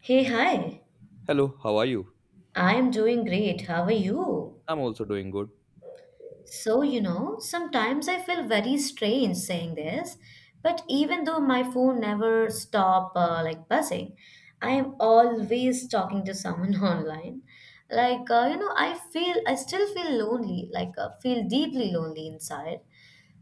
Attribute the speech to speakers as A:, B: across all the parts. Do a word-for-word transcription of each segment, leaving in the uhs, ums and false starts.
A: Hey, hi.
B: Hello, how are you?
A: I'm doing great. How are you?
B: I'm also doing good.
A: So, you know, sometimes I feel very strange saying this, but even though my phone never stop uh, like buzzing, I am always talking to someone online. Like, uh, you know, I feel I still feel lonely, like uh, feel deeply lonely inside.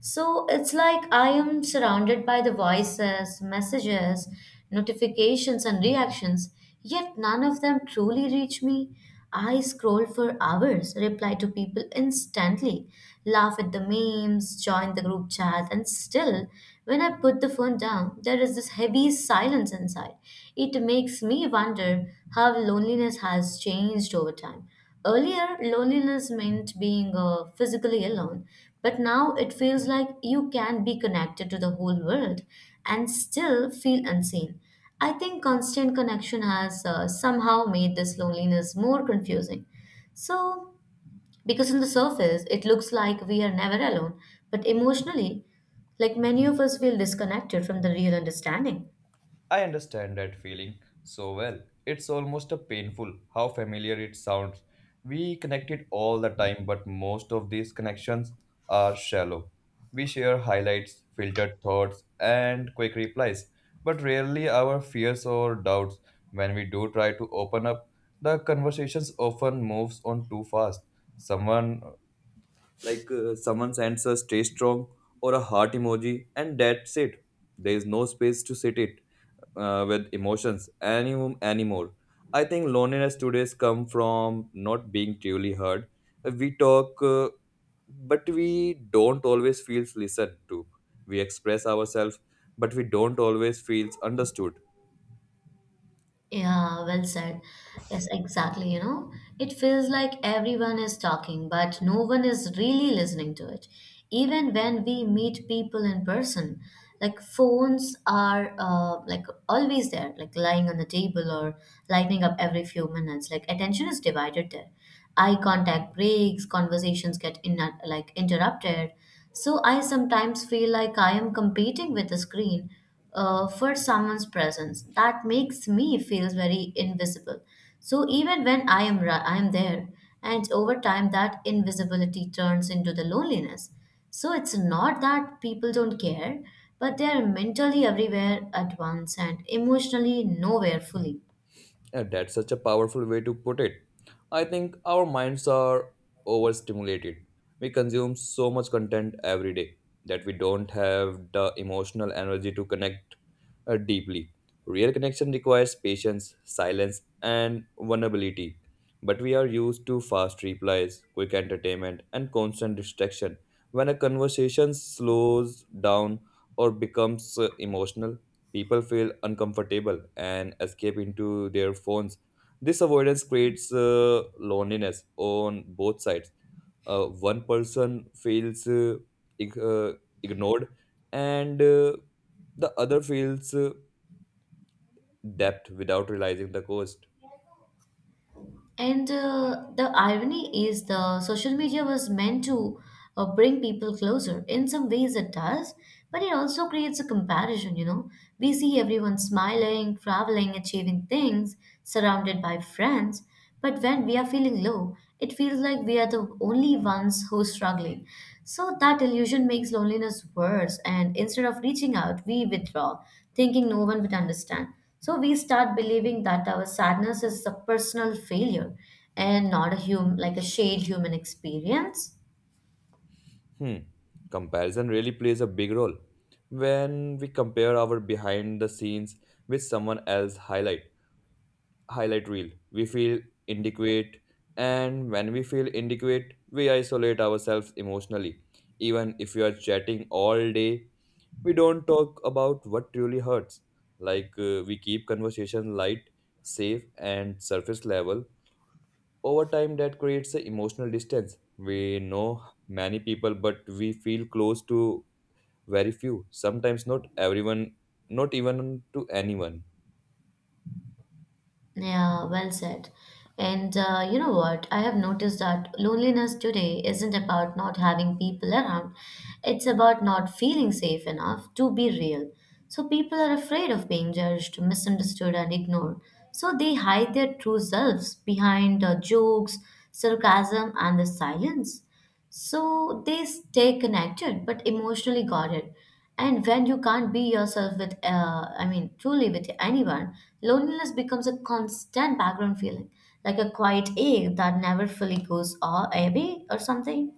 A: So it's like I am surrounded by the voices, messages, notifications, and reactions, yet none of them truly reach me. I scroll for hours, reply to people instantly, laugh at the memes, join the group chat, and still, when I put the phone down, there is this heavy silence inside. It makes me wonder how loneliness has changed over time. Earlier, loneliness meant being uh, physically alone, but now it feels like you can be connected to the whole world and still feel unseen. I think constant connection has uh, somehow made this loneliness more confusing. So, because on the surface it looks like we are never alone, but emotionally, like many of us feel disconnected from the real understanding.
B: I understand that feeling so well. It's almost a painful how familiar it sounds. We connected all the time, but most of these connections are shallow. We share highlights, filtered thoughts, and quick replies, but rarely our fears or doubts. When we do try to open up, the conversations often moves on too fast. Someone like uh, Someone sends a stay strong or a heart emoji, and that's it. There is no space to sit it uh, with emotions any, anymore. I think loneliness today's come from not being truly heard. Uh, we talk, uh, but we don't always feel listened to. We express ourselves, but we don't always feel understood.
A: Yeah, well said. Yes, exactly. You know, it feels like everyone is talking, but no one is really listening to it. Even when we meet people in person, like phones are uh, like always there, like lying on the table or lighting up every few minutes. Like attention is divided there. Eye contact breaks, conversations get in like interrupted. So I sometimes feel like I am competing with the screen uh, for someone's presence that makes me feel very invisible, so even when i am ra- I am there, and over time that invisibility turns into the loneliness. So it's not that people don't care, but they are mentally everywhere at once and emotionally nowhere fully.
B: Yeah, that's such a powerful way to put it. I think our minds are overstimulated. We consume so much content every day that we don't have the emotional energy to connect uh, deeply. Real connection requires patience, silence, and vulnerability. But we are used to fast replies, quick entertainment, and constant distraction. When a conversation slows down or becomes uh, emotional, people feel uncomfortable and escape into their phones. This avoidance creates uh, loneliness on both sides. Uh, one person feels uh, ig- uh, ignored, and uh, the other feels uh, depth without realizing the cost.
A: And uh, the irony is the social media was meant to uh, bring people closer. In some ways it does, but it also creates a comparison, you know. We see everyone smiling, traveling, achieving things, surrounded by friends. But when we are feeling low, it feels like we are the only ones who's struggling. So that illusion makes loneliness worse, and instead of reaching out, we withdraw, thinking no one would understand. So we start believing that our sadness is a personal failure and not a hum like a shared human experience.
B: Hmm. Comparison really plays a big role. When we compare our behind the scenes with someone else's highlight highlight reel, we feel inadequate, and when we feel inadequate, we isolate ourselves emotionally. Even if we are chatting all day, we don't talk about what truly hurts. Like uh, we keep conversation light, safe, and surface level. Over time, that creates an emotional distance. We know many people, but we feel close to very few. Sometimes not everyone, not even to anyone.
A: Yeah, well said. And uh, you know what? I have noticed that loneliness today isn't about not having people around. It's about not feeling safe enough to be real. So people are afraid of being judged, misunderstood, and ignored. So they hide their true selves behind uh, jokes, sarcasm, and the silence. So they stay connected but emotionally guarded. And when you can't be yourself with, uh, I mean, truly with anyone, loneliness becomes a constant background feeling, like a quiet ache that never fully goes a- away or something.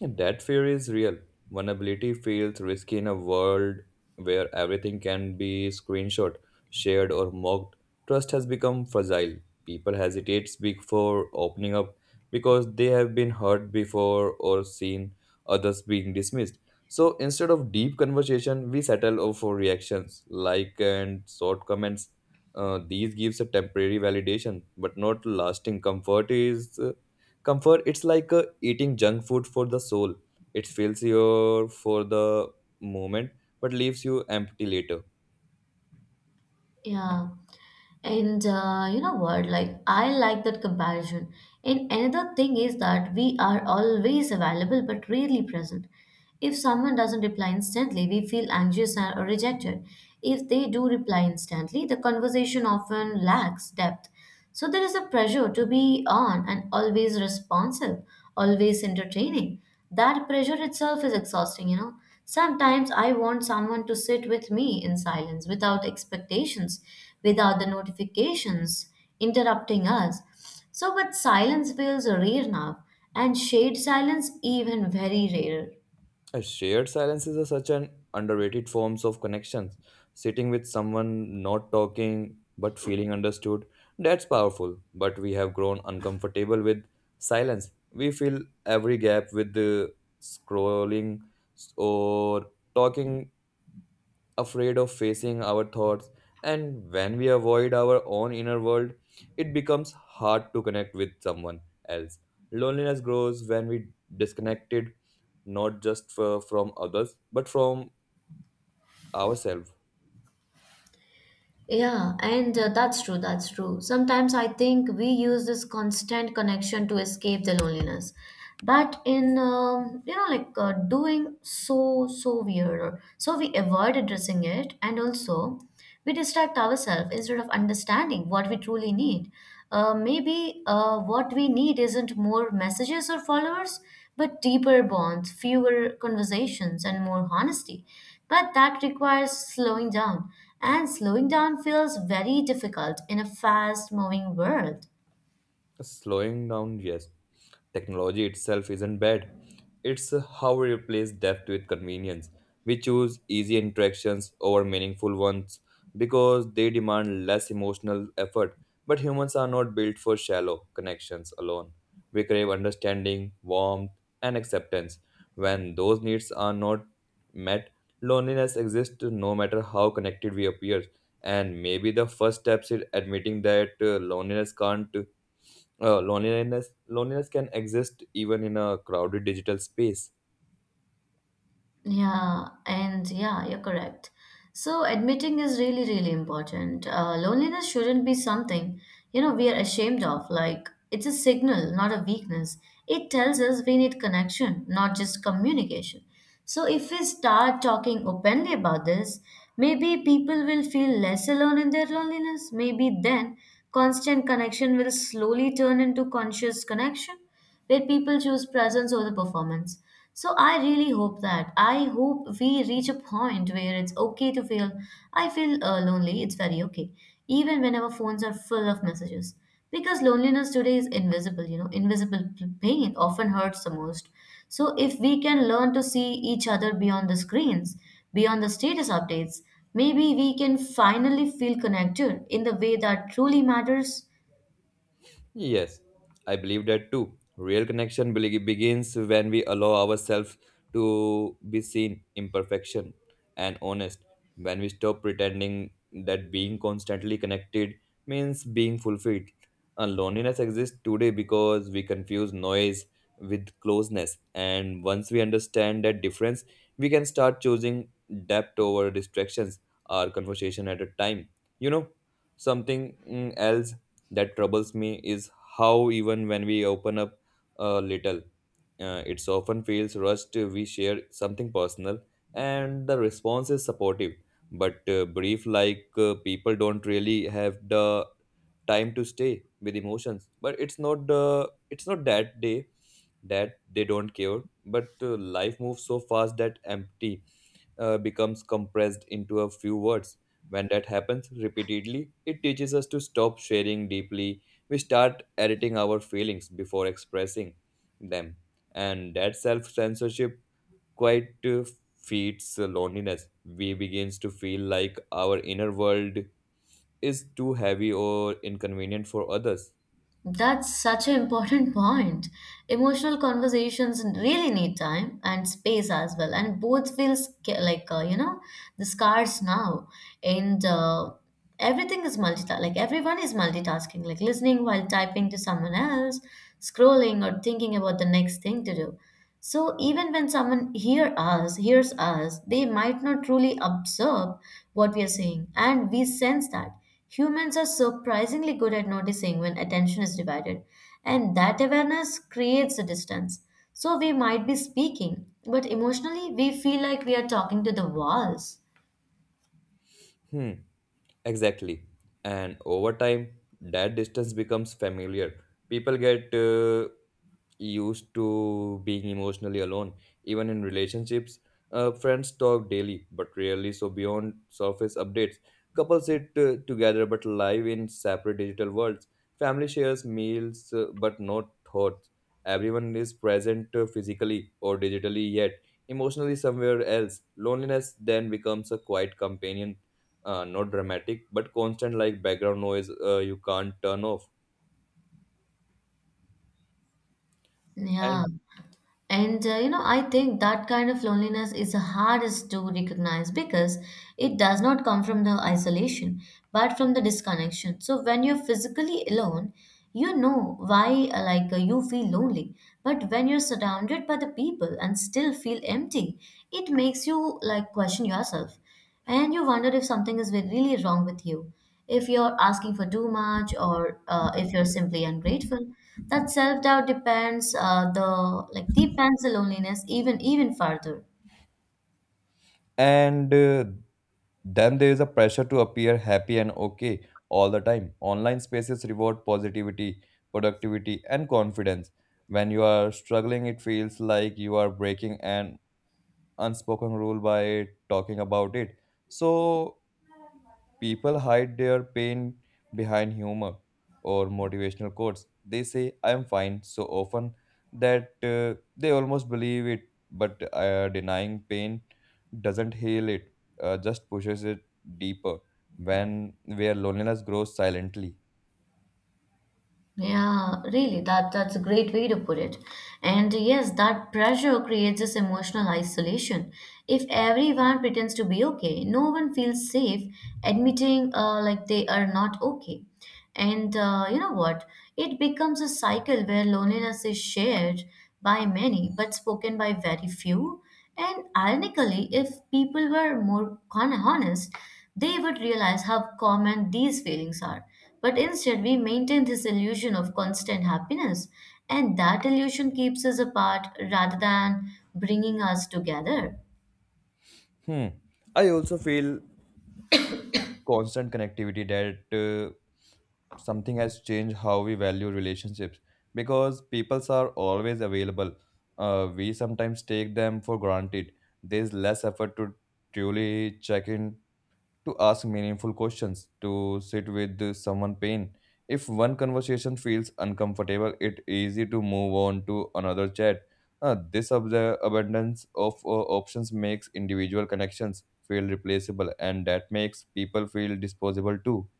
B: And that fear is real. Vulnerability feels risky in a world where everything can be screenshot, shared, or mocked. Trust has become fragile. People hesitate before opening up because they have been hurt before or seen others being dismissed. So instead of deep conversation, we settle over for reactions, like and short comments. Uh, these gives a temporary validation, but not lasting comfort. Is uh, comfort. It's like uh, eating junk food for the soul. It fills you for the moment, but leaves you empty later.
A: Yeah. And uh, you know what? Like, I like that comparison. And another thing is that we are always available but rarely present. If someone doesn't reply instantly, we feel anxious and- or rejected. If they do reply instantly, the conversation often lacks depth. So there is a pressure to be on and always responsive, always entertaining. That pressure itself is exhausting, you know. Sometimes I want someone to sit with me in silence, without expectations, without the notifications interrupting us. So, but silence feels rare now, and shade silence even very rare.
B: A shared silence is a, such an underrated forms of connections. Sitting with someone, not talking, but feeling understood, that's powerful. But we have grown uncomfortable with silence. We fill every gap with the scrolling or talking, afraid of facing our thoughts, and when we avoid our own inner world, it becomes hard to connect with someone else. Loneliness grows when we disconnected, not just f- from others, but from ourselves.
A: Yeah, and uh, that's true, that's true. Sometimes I think we use this constant connection to escape the loneliness. But in, um, you know, like uh, doing so, so weird. So we avoid addressing it and also we distract ourselves instead of understanding what we truly need. Uh, maybe uh, what we need isn't more messages or followers, but deeper bonds, fewer conversations, and more honesty. But that requires slowing down, and slowing down feels very difficult in a fast moving world.
B: Slowing down, yes. Technology itself isn't bad. It's how we replace depth with convenience. We choose easy interactions over meaningful ones because they demand less emotional effort. But humans are not built for shallow connections alone. We crave understanding, warmth, and acceptance. When those needs are not met, loneliness exists no matter how connected we appear. And maybe the first step is admitting that uh, loneliness can't uh, loneliness loneliness can exist even in a crowded digital space.
A: Yeah, and yeah, you're correct. So admitting is really, really important. Uh, loneliness shouldn't be something, you know, we are ashamed of. Like it's a signal, not a weakness. It tells us we need connection, not just communication. So if we start talking openly about this, maybe people will feel less alone in their loneliness. Maybe then constant connection will slowly turn into conscious connection where people choose presence over performance. So I really hope that I hope we reach a point where it's okay to feel I feel uh, lonely. It's very okay, even when our phones are full of messages. Because loneliness today is invisible, you know, invisible pain often hurts the most. So if we can learn to see each other beyond the screens, beyond the status updates, maybe we can finally feel connected in the way that truly matters.
B: Yes, I believe that too. Real connection be- begins when we allow ourselves to be seen, imperfection, and honest. When we stop pretending that being constantly connected means being fulfilled. And loneliness exists today because we confuse noise with closeness. And once we understand that difference, we can start choosing depth over distractions, our conversation at a time. You know, something mm, else that troubles me is how even when we open up a little, uh, it's often feels rushed. We share something personal and the response is supportive but uh, brief. Like uh, people don't really have the time to stay with emotions, but it's not the it's not that day that they don't care. But uh, life moves so fast that empty uh, becomes compressed into a few words. When that happens repeatedly, it teaches us to stop sharing deeply. We start editing our feelings before expressing them. And that self censorship quite uh, feeds uh, loneliness. We begins to feel like our inner world is too heavy or inconvenient for others.
A: That's such an important point. Emotional conversations really need time and space as well, and both feel sca- like uh, you know, the scars now, and uh, everything is multitasking. Like everyone is multitasking, like listening while typing to someone else, scrolling or thinking about the next thing to do. So even when someone hear us, hears us, they might not truly observe what we are saying, and we sense that. Humans are surprisingly good at noticing when attention is divided, and that awareness creates a distance. So we might be speaking, but emotionally we feel like we are talking to the walls.
B: Hmm. Exactly. And over time, that distance becomes familiar. People get uh, used to being emotionally alone, even in relationships. Uh, friends talk daily, but rarely so beyond surface updates. Couples sit uh, together but live in separate digital worlds. Family shares meals, uh, but not thoughts. Everyone is present uh, physically or digitally, yet emotionally somewhere else. Loneliness then becomes a quiet companion, uh, not dramatic but constant, like background noise uh, you can't turn off.
A: Yeah.
B: and
A: And uh, you know, I think that kind of loneliness is the hardest to recognize because it does not come from the isolation, but from the disconnection. So when you're physically alone, you know why uh, like uh, you feel lonely. But when you're surrounded by the people and still feel empty, it makes you like question yourself and you wonder if something is really wrong with you, if you're asking for too much or uh, if you're simply ungrateful. That self doubt depends uh, the like depends the loneliness even even further.
B: and uh, then there is a pressure to appear happy and okay all the time. Online spaces reward positivity, productivity, and confidence. When you are struggling, it feels like you are breaking an unspoken rule by talking about it. So people hide their pain behind humor or motivational quotes. They say, I'm fine, so often that uh, they almost believe it, but uh, denying pain doesn't heal it, uh, just pushes it deeper, when where loneliness grows silently.
A: Yeah, really, that that's a great way to put it. And yes, that pressure creates this emotional isolation. If everyone pretends to be okay, no one feels safe admitting uh, like they are not okay. And uh, you know what? It becomes a cycle where loneliness is shared by many but spoken by very few. And ironically, if people were more con- honest, they would realize how common these feelings are, but instead, we maintain this illusion of constant happiness, and that illusion keeps us apart rather than bringing us together.
B: Hmm. I also feel constant connectivity that uh, something has changed how we value relationships. Because peoples are always available, uh, we sometimes take them for granted. There's less effort to truly check in, to ask meaningful questions, to sit with someone pain. If one conversation feels uncomfortable, it easy to move on to another chat. Uh, this ab- abundance of uh, options makes individual connections feel replaceable, and that makes people feel disposable too.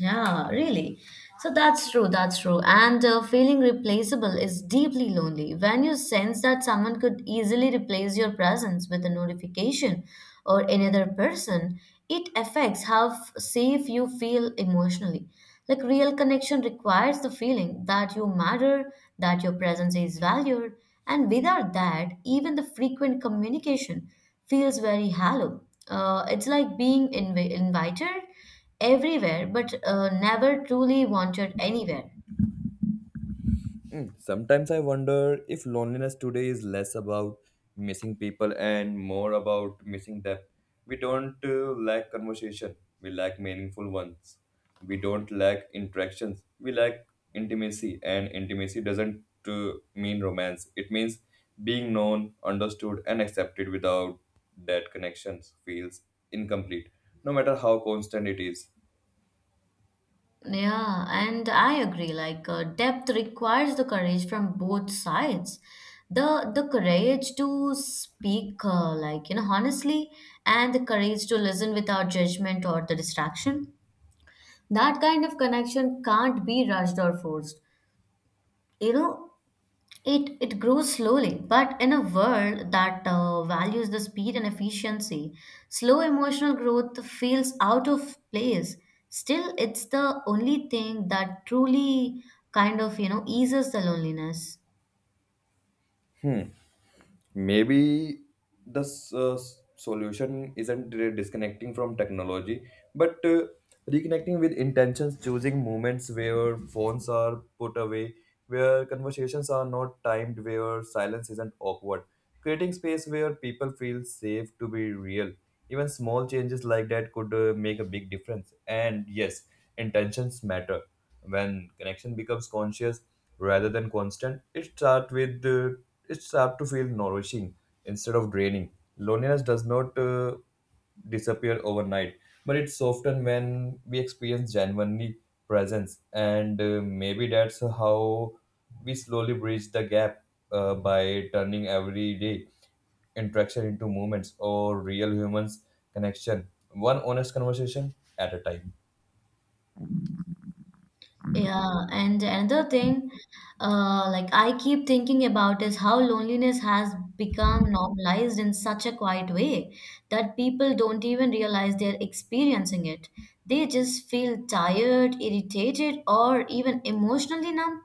A: Yeah, really. So that's true, that's true. And uh, feeling replaceable is deeply lonely. When you sense that someone could easily replace your presence with a notification or another person, it affects how f- safe you feel emotionally. Like real connection requires the feeling that you matter, that your presence is valued, and without that, even the frequent communication feels very hollow. Uh, it's like being inv- invited everywhere, but uh, never truly wanted anywhere.
B: Mm, sometimes I wonder if loneliness today is less about missing people and more about missing depth. We don't uh, lack conversation, we lack meaningful ones. We don't lack interactions, we lack intimacy, and intimacy doesn't uh, mean romance. It means being known, understood, and accepted. Without that, connections feels incomplete, no matter how constant it is.
A: Yeah, and I agree. Like uh, depth requires the courage from both sides, the the courage to speak, uh, like you know, honestly, and the courage to listen without judgment or the distraction. That kind of connection can't be rushed or forced. You know, It, it grows slowly, but in a world that uh, values the speed and efficiency, slow emotional growth feels out of place. Still, it's the only thing that truly kind of, you know, eases the loneliness.
B: Hmm. Maybe the s- uh, s- solution isn't re- disconnecting from technology, but uh, reconnecting with intentions, choosing moments where phones are put away, where conversations are not timed, where silence isn't awkward, creating space where people feel safe to be real. Even small changes like that could uh, make a big difference. And yes, intentions matter. When connection becomes conscious rather than constant, it start with uh, it start to feel nourishing instead of draining. Loneliness does not uh, disappear overnight, but it's often when we experience genuinely presence, and uh, maybe that's how we slowly bridge the gap, uh, by turning every day interaction into moments or real humans connection, one honest conversation at a time.
A: Yeah, and another thing, uh, like I keep thinking about is how loneliness has become normalized in such a quiet way that people don't even realize they're experiencing it. They just feel tired, irritated, or even emotionally numb.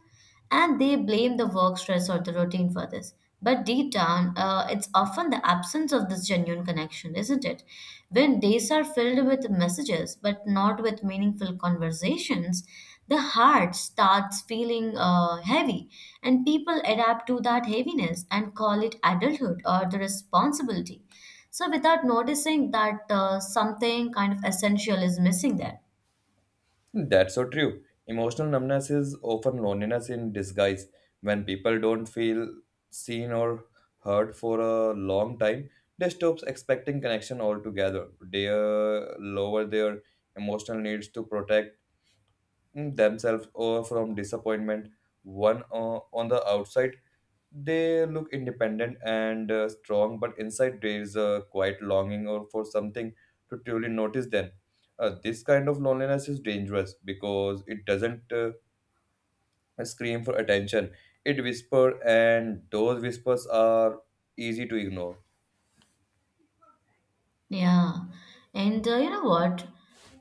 A: And they blame the work stress or the routine for this. But deep down, uh, it's often the absence of this genuine connection, isn't it? When days are filled with messages but not with meaningful conversations, the heart starts feeling uh, heavy, and people adapt to that heaviness and call it adulthood or the responsibility. So, without noticing that uh, something kind of essential is missing there.
B: That's so true. Emotional numbness is often loneliness in disguise. When people don't feel seen or heard for a long time, they stop expecting connection altogether. They uh, lower their emotional needs to protect themselves or from disappointment. One uh, on the outside they look independent and uh, strong, but inside there is a quiet longing or for something to truly notice them. Uh, this kind of loneliness is dangerous because it doesn't uh, scream for attention. It whispers, and those whispers are easy to ignore.
A: Yeah. And uh, you know what?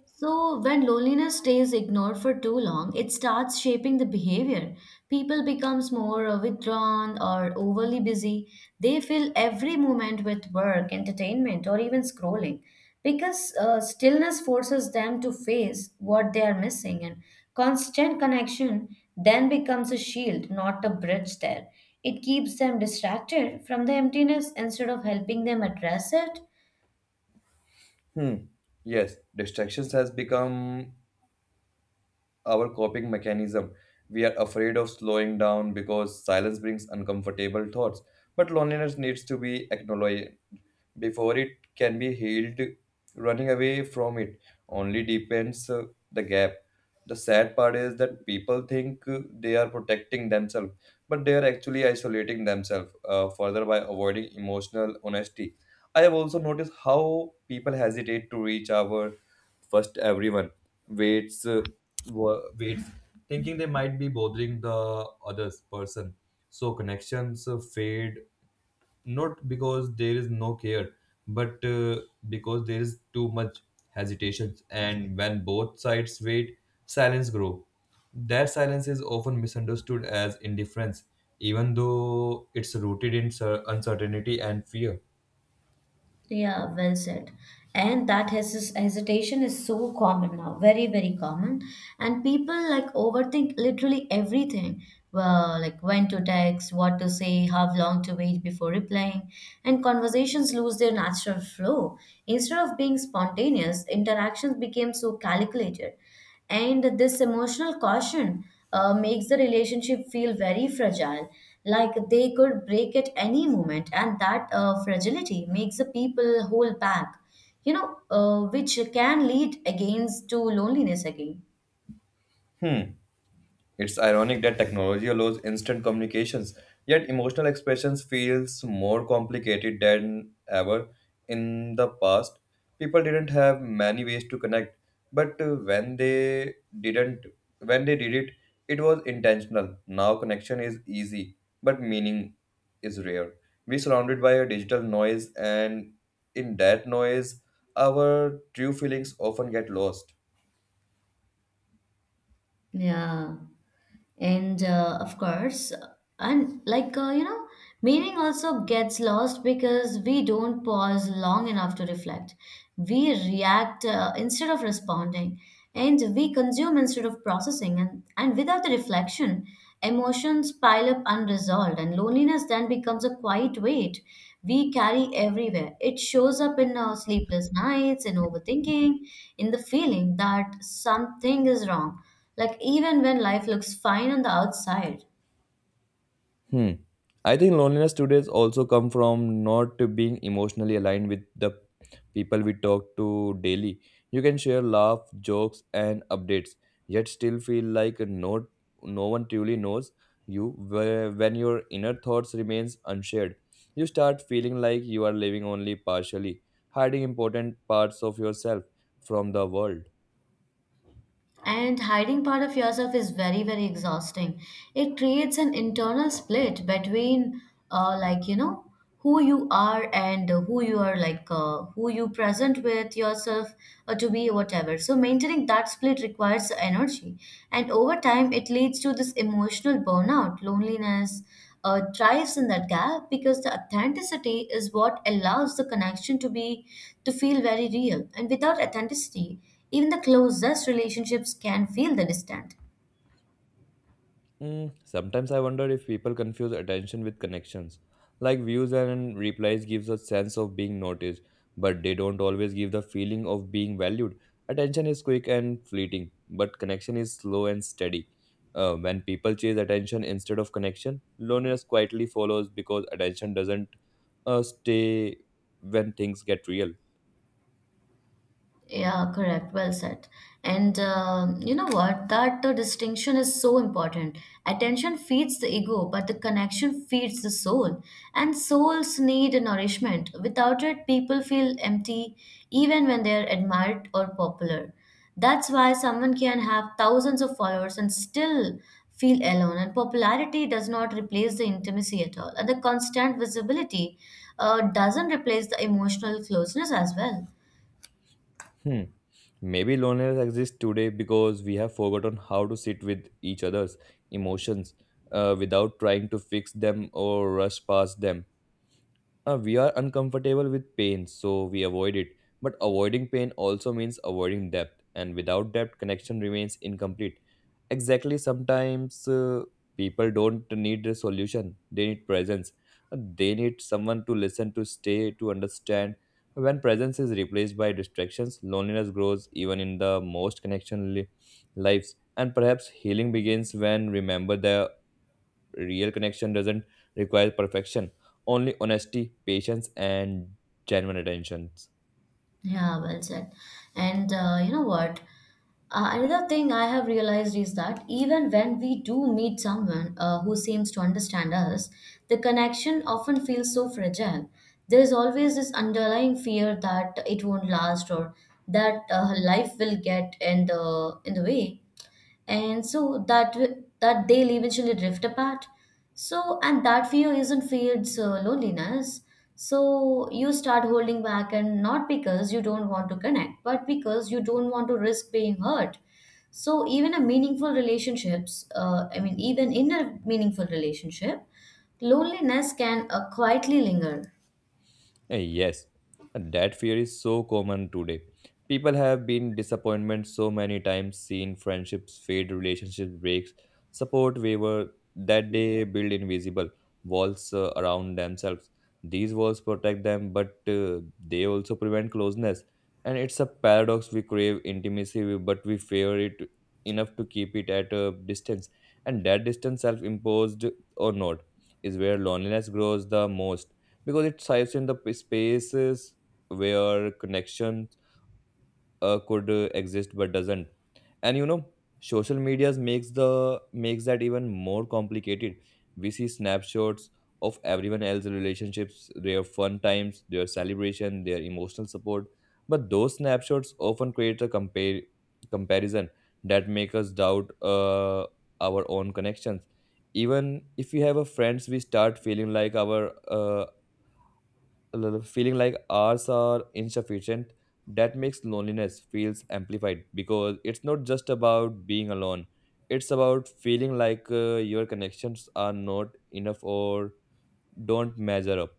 A: So, when loneliness stays ignored for too long, it starts shaping the behavior. People becomes more uh, withdrawn or overly busy. They fill every moment with work, entertainment, or even scrolling, because uh, stillness forces them to face what they are missing, and constant connection then becomes a shield, not a bridge there. It keeps them distracted from the emptiness instead of helping them address it.
B: Hmm. Yes, distractions has become our coping mechanism. We are afraid of slowing down because silence brings uncomfortable thoughts. But loneliness needs to be acknowledged before it can be healed. Running away from it only deepens uh, the gap. The sad part is that people think uh, they are protecting themselves, but they are actually isolating themselves uh, further by avoiding emotional honesty. I have also noticed how people hesitate to reach our first. Everyone waits, uh, wa- waits, thinking they might be bothering the others person. So connections uh, fade, not because there is no care, but uh, because there is too much hesitation. And when both sides wait, silence grow. That silence is often misunderstood as indifference, even though it's rooted in cer- uncertainty and fear.
A: Yeah, well said. And that hes- hesitation is so common now, very, very common. And people like overthink literally everything. Well, like when to text, what to say, how long to wait before replying, and conversations lose their natural flow. Instead of being spontaneous, interactions became so calculated. And this emotional caution uh, makes the relationship feel very fragile, like they could break at any moment, and that uh, fragility makes the people hold back, you know, uh, which can lead against to loneliness again.
B: Hmm. It's ironic that technology allows instant communications, yet emotional expressions feels more complicated than ever. In the past, people didn't have many ways to connect, but uh, when they didn't when they did it, it was intentional. Now connection is easy, but meaning is rare. We surrounded by a digital noise, and in that noise our true feelings often get lost.
A: Yeah. and uh, of course and like uh, you know meaning also gets lost because we don't pause long enough to reflect. We react uh, instead of responding, and we consume instead of processing. And, and without the reflection, emotions pile up unresolved, and loneliness then becomes a quiet weight we carry everywhere. It shows up in our sleepless nights, in overthinking, in the feeling that something is wrong, like, even when life looks fine on the outside.
B: Hmm. I think loneliness today is also come from not being emotionally aligned with the people we talk to daily. You can share laugh, jokes, and updates, yet still feel like no no one truly knows you. where- When your inner thoughts remains unshared, you start feeling like you are living only partially, hiding important parts of yourself from the world.
A: And hiding part of yourself is very, very exhausting. It creates an internal split between, uh, like, you know, who you are and who you are, like, uh, who you present with yourself uh, to be, whatever. So, maintaining that split requires energy. And over time, it leads to this emotional burnout. Loneliness uh, drives in that gap, because the authenticity is what allows the connection to be to feel very real, and without authenticity even the closest relationships can feel the distant.
B: Mm, sometimes I wonder if people confuse attention with connections. Like views and replies gives a sense of being noticed, but they don't always give the feeling of being valued. Attention is quick and fleeting, but connection is slow and steady. Uh, when people chase attention instead of connection, loneliness quietly follows because attention doesn't uh, stay when things get real.
A: Yeah, correct. Well said. And um, you know what? That uh, distinction is so important. Attention feeds the ego, but the connection feeds the soul. And souls need nourishment. Without it, people feel empty, even when they are admired or popular. That's why someone can have thousands of followers and still feel alone. And popularity does not replace the intimacy at all. And the constant visibility uh, doesn't replace the emotional closeness as well.
B: Hmm. Maybe loneliness exists today because we have forgotten how to sit with each other's emotions uh, without trying to fix them or rush past them. Uh, we are uncomfortable with pain, so we avoid it. But avoiding pain also means avoiding depth, and without depth, connection remains incomplete. Exactly, sometimes uh, people don't need a solution, they need presence. They need someone to listen, to stay, to understand. When presence is replaced by distractions, loneliness grows even in the most connection li- lives. And perhaps healing begins when remember the Real connection doesn't require perfection, only honesty, patience, and genuine attention.
A: Yeah, well said. And uh, you know what? Uh, another thing I have realized is that even when we do meet someone uh, who seems to understand us, the connection often feels so fragile. There is always this underlying fear that it won't last, or that uh, life will get in the in the way, and so that w- that they'll eventually drift apart. So and that fear isn't fear's uh, loneliness. So you start holding back, and not because you don't want to connect, but because you don't want to risk being hurt. So even a meaningful relationships uh, i mean even in a meaningful relationship, loneliness can uh, quietly linger.
B: Eh, Yes, that fear is so common today. People have been disappointed so many times, seen friendships fade, relationships breaks, support waver, that they build invisible walls uh, around themselves. These walls protect them, but uh, they also prevent closeness. And it's a paradox. We crave intimacy, but we fear it enough to keep it at a distance. And that distance, self-imposed or not, is where loneliness grows the most because it thrives in the p- spaces where connection uh, could uh, exist but doesn't. And you know, social medias makes the makes that even more complicated. We see snapshots of everyone else's relationships, their fun times, their celebration, their emotional support, but those snapshots often create a compare comparison that make us doubt uh, our own connections. Even if we have a friends, we start feeling like our uh, l- feeling like ours are insufficient. That makes loneliness feels amplified because it's not just about being alone, it's about feeling like uh, your connections are not enough or don't measure up.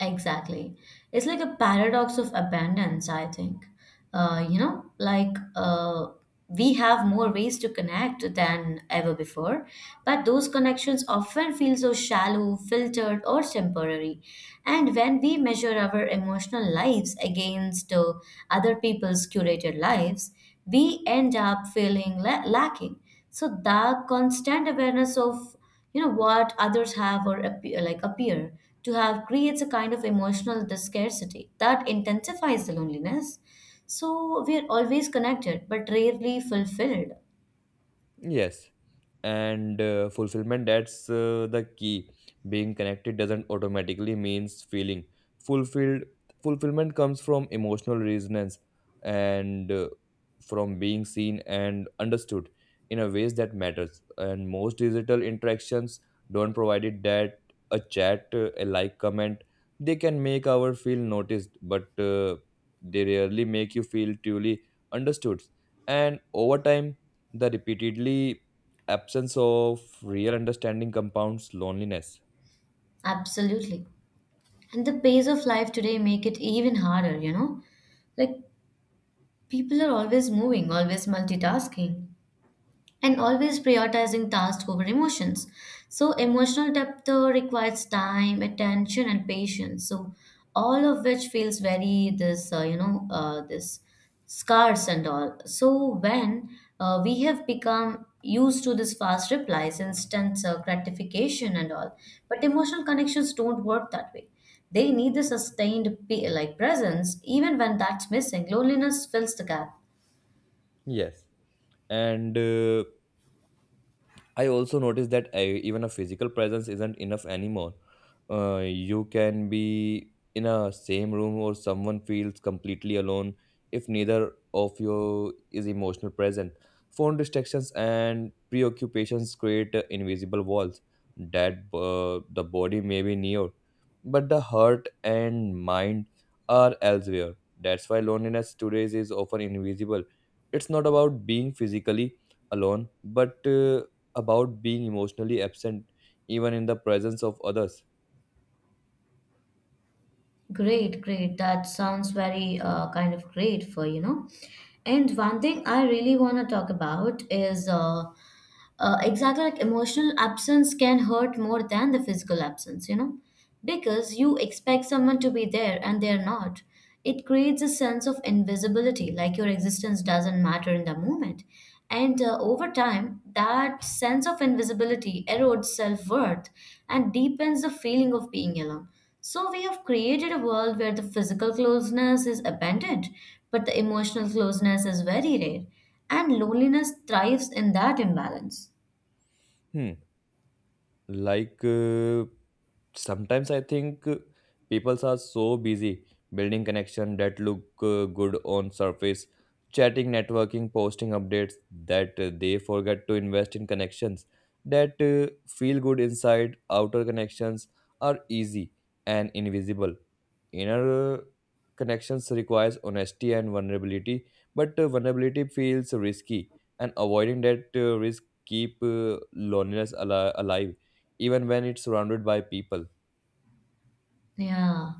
A: Exactly. It's like a paradox of abundance, I think. Uh, you know, like uh, we have more ways to connect than ever before, but those connections often feel so shallow, filtered, or temporary. And when we measure our emotional lives against uh, other people's curated lives, we end up feeling la- lacking. So, the constant awareness of you know what others have or appear, like appear to have, creates a kind of emotional the scarcity that intensifies the loneliness. So we are always connected but rarely fulfilled.
B: Yes, and uh, fulfillment, that's uh, the key. Being connected doesn't automatically means feeling fulfilled. Fulfillment comes from emotional resonance and uh, from being seen and understood in a ways that matters. And most digital interactions don't provide it that a chat, uh, a like, comment. They can make our feel noticed, but uh, they rarely make you feel truly understood. And over time the repeatedly absence of real understanding compounds loneliness.
A: Absolutely. And the pace of life today make it even harder, you know like people are always moving, always multitasking, and always prioritizing tasks over emotions. So, emotional depth uh, requires time, attention, and patience. So, all of which feels very this uh, you know uh, this scarce and all. So, when uh, we have become used to this fast replies, instant uh, gratification, and all, but emotional connections don't work that way. They need the sustained pe- like presence. Even when that's missing, loneliness fills the gap.
B: Yes. And uh, I also noticed that I, even a physical presence isn't enough anymore. Uh, you can be in a same room or someone feels completely alone if neither of you is emotional present. Phone distractions and preoccupations create uh, invisible walls that uh, the body may be near, but the heart and mind are elsewhere. That's why loneliness today is often invisible. It's not about being physically alone, but uh, about being emotionally absent even in the presence of others.
A: Great, great. That sounds very uh, kind of great for you know. And one thing I really want to talk about is uh, uh, exactly like emotional absence can hurt more than the physical absence, you know, because you expect someone to be there and they're not. It creates a sense of invisibility, like your existence doesn't matter in the moment. And uh, over time, that sense of invisibility erodes self worth and deepens the feeling of being alone. So, we have created a world where the physical closeness is abundant, but the emotional closeness is very rare, and loneliness thrives in that imbalance.
B: Hmm. Like uh, sometimes i think uh, people are so busy building connection that look uh, good on surface, chatting, networking, posting updates, that uh, they forget to invest in connections that uh, feel good inside. Outer connections are easy and invisible. Inner connections requires honesty and vulnerability, but uh, vulnerability feels risky, and avoiding that uh, risk keep uh, loneliness ali- alive, even when it's surrounded by people.
A: Yeah.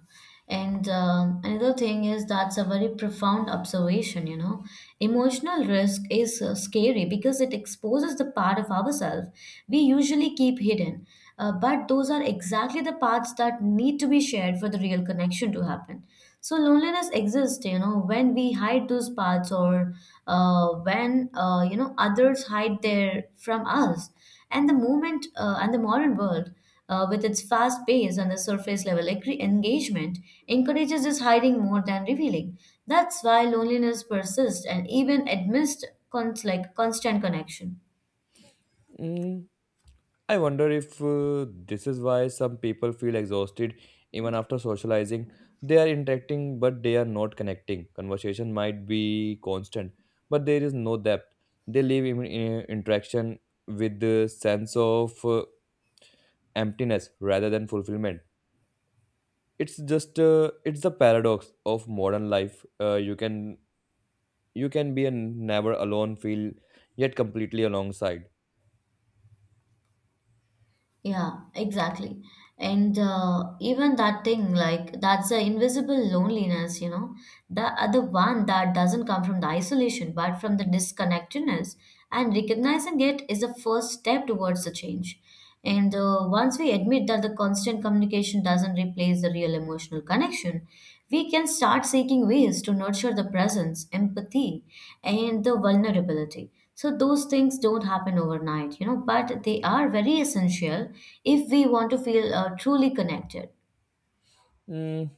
A: And um, Another thing is that's a very profound observation, you know. Emotional risk is uh, scary because it exposes the part of ourselves we usually keep hidden. Uh, but those are exactly the parts that need to be shared for the real connection to happen. So loneliness exists, you know, when we hide those parts, or uh, when, uh, you know, others hide their from us. And the moment uh, and the modern world uh, with its fast pace and the surface level eng- engagement, encourages this hiding more than revealing. That's why loneliness persists and even amidst cons- like constant connection.
B: Mm, I wonder if uh, this is why some people feel exhausted even after socializing. They are interacting, but they are not connecting. Conversation might be constant, but there is no depth. They live in, in interaction with the sense of uh, emptiness rather than fulfillment. It's just uh, it's the paradox of modern life. Uh, you can you can be a never alone feel yet completely alongside.
A: Yeah, exactly. And uh, even that thing, like that's the invisible loneliness, you know, the other one that doesn't come from the isolation, but from the disconnectedness. And recognizing it is the first step towards the change. And uh, once we admit that the constant communication doesn't replace the real emotional connection, we can start seeking ways to nurture the presence, empathy, and the vulnerability. So those things don't happen overnight, you know, but they are very essential if we want to feel uh, truly connected.
B: Mm,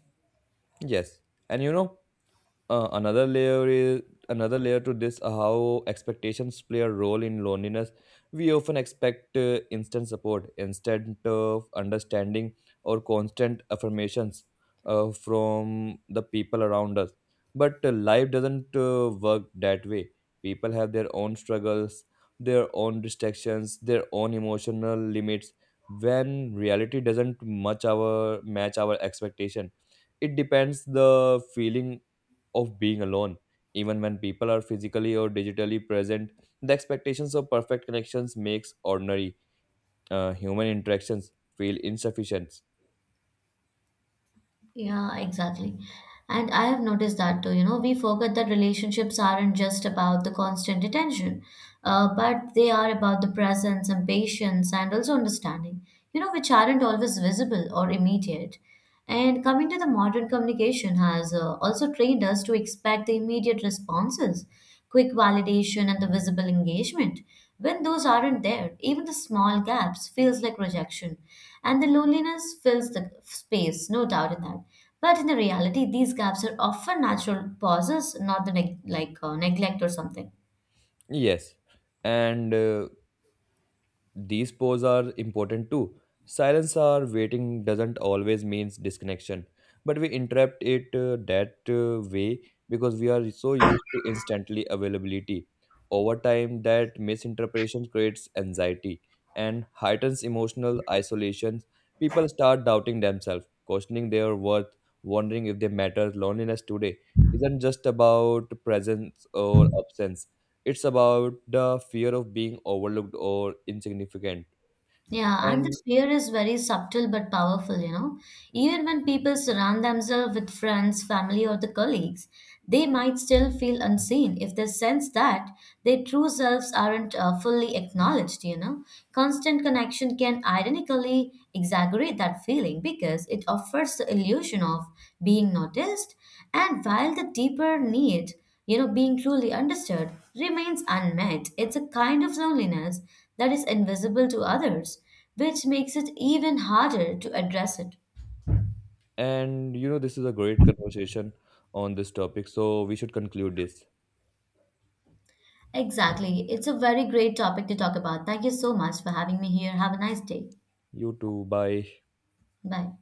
B: yes, and you know, Uh, another layer is another layer to this, uh, how expectations play a role in loneliness. We often expect uh, instant support, instant uh, understanding, or constant affirmations uh, from the people around us, but uh, life doesn't uh, work that way. People have their own struggles, their own distractions, their own emotional limits. When reality doesn't much our match our expectation, it depends the feeling of being alone. Even when people are physically or digitally present, the expectations of perfect connections makes ordinary uh, human interactions feel insufficient.
A: Yeah, exactly. And I have noticed that too, you know. We forget that relationships aren't just about the constant attention, uh, but they are about the presence and patience and also understanding, you know, which aren't always visible or immediate. And coming to the modern communication has uh, also trained us to expect the immediate responses, quick validation, and the visible engagement. When those aren't there, even the small gaps feels like rejection, and the loneliness fills the space, no doubt in that. But in the reality, these gaps are often natural pauses, not the neg- like uh, neglect or something.
B: Yes, and uh, these poses are important too. Silence or waiting doesn't always means disconnection, but we interrupt it uh, that uh, way because we are so used to instantly availability. Over time, that misinterpretation creates anxiety and heightens emotional isolation. People start doubting themselves, questioning their worth, wondering if they matter. Loneliness today isn't just about presence or absence, it's about the fear of being overlooked or insignificant.
A: Yeah, and
B: And
A: the fear is very subtle but powerful, you know. Even when people surround themselves with friends, family, or the colleagues, they might still feel unseen if they sense that their true selves aren't uh, fully acknowledged, you know. Constant connection can ironically exaggerate that feeling because it offers the illusion of being noticed, and while the deeper need, you know, being truly understood remains unmet. It's a kind of loneliness that is invisible to others, which makes it even harder to address it.
B: and you know, this is a great conversation on this topic. So we should conclude this.
A: Exactly. It's a very great topic to talk about. Thank you so much for having me here. Have a nice day.
B: You too. Bye.
A: Bye.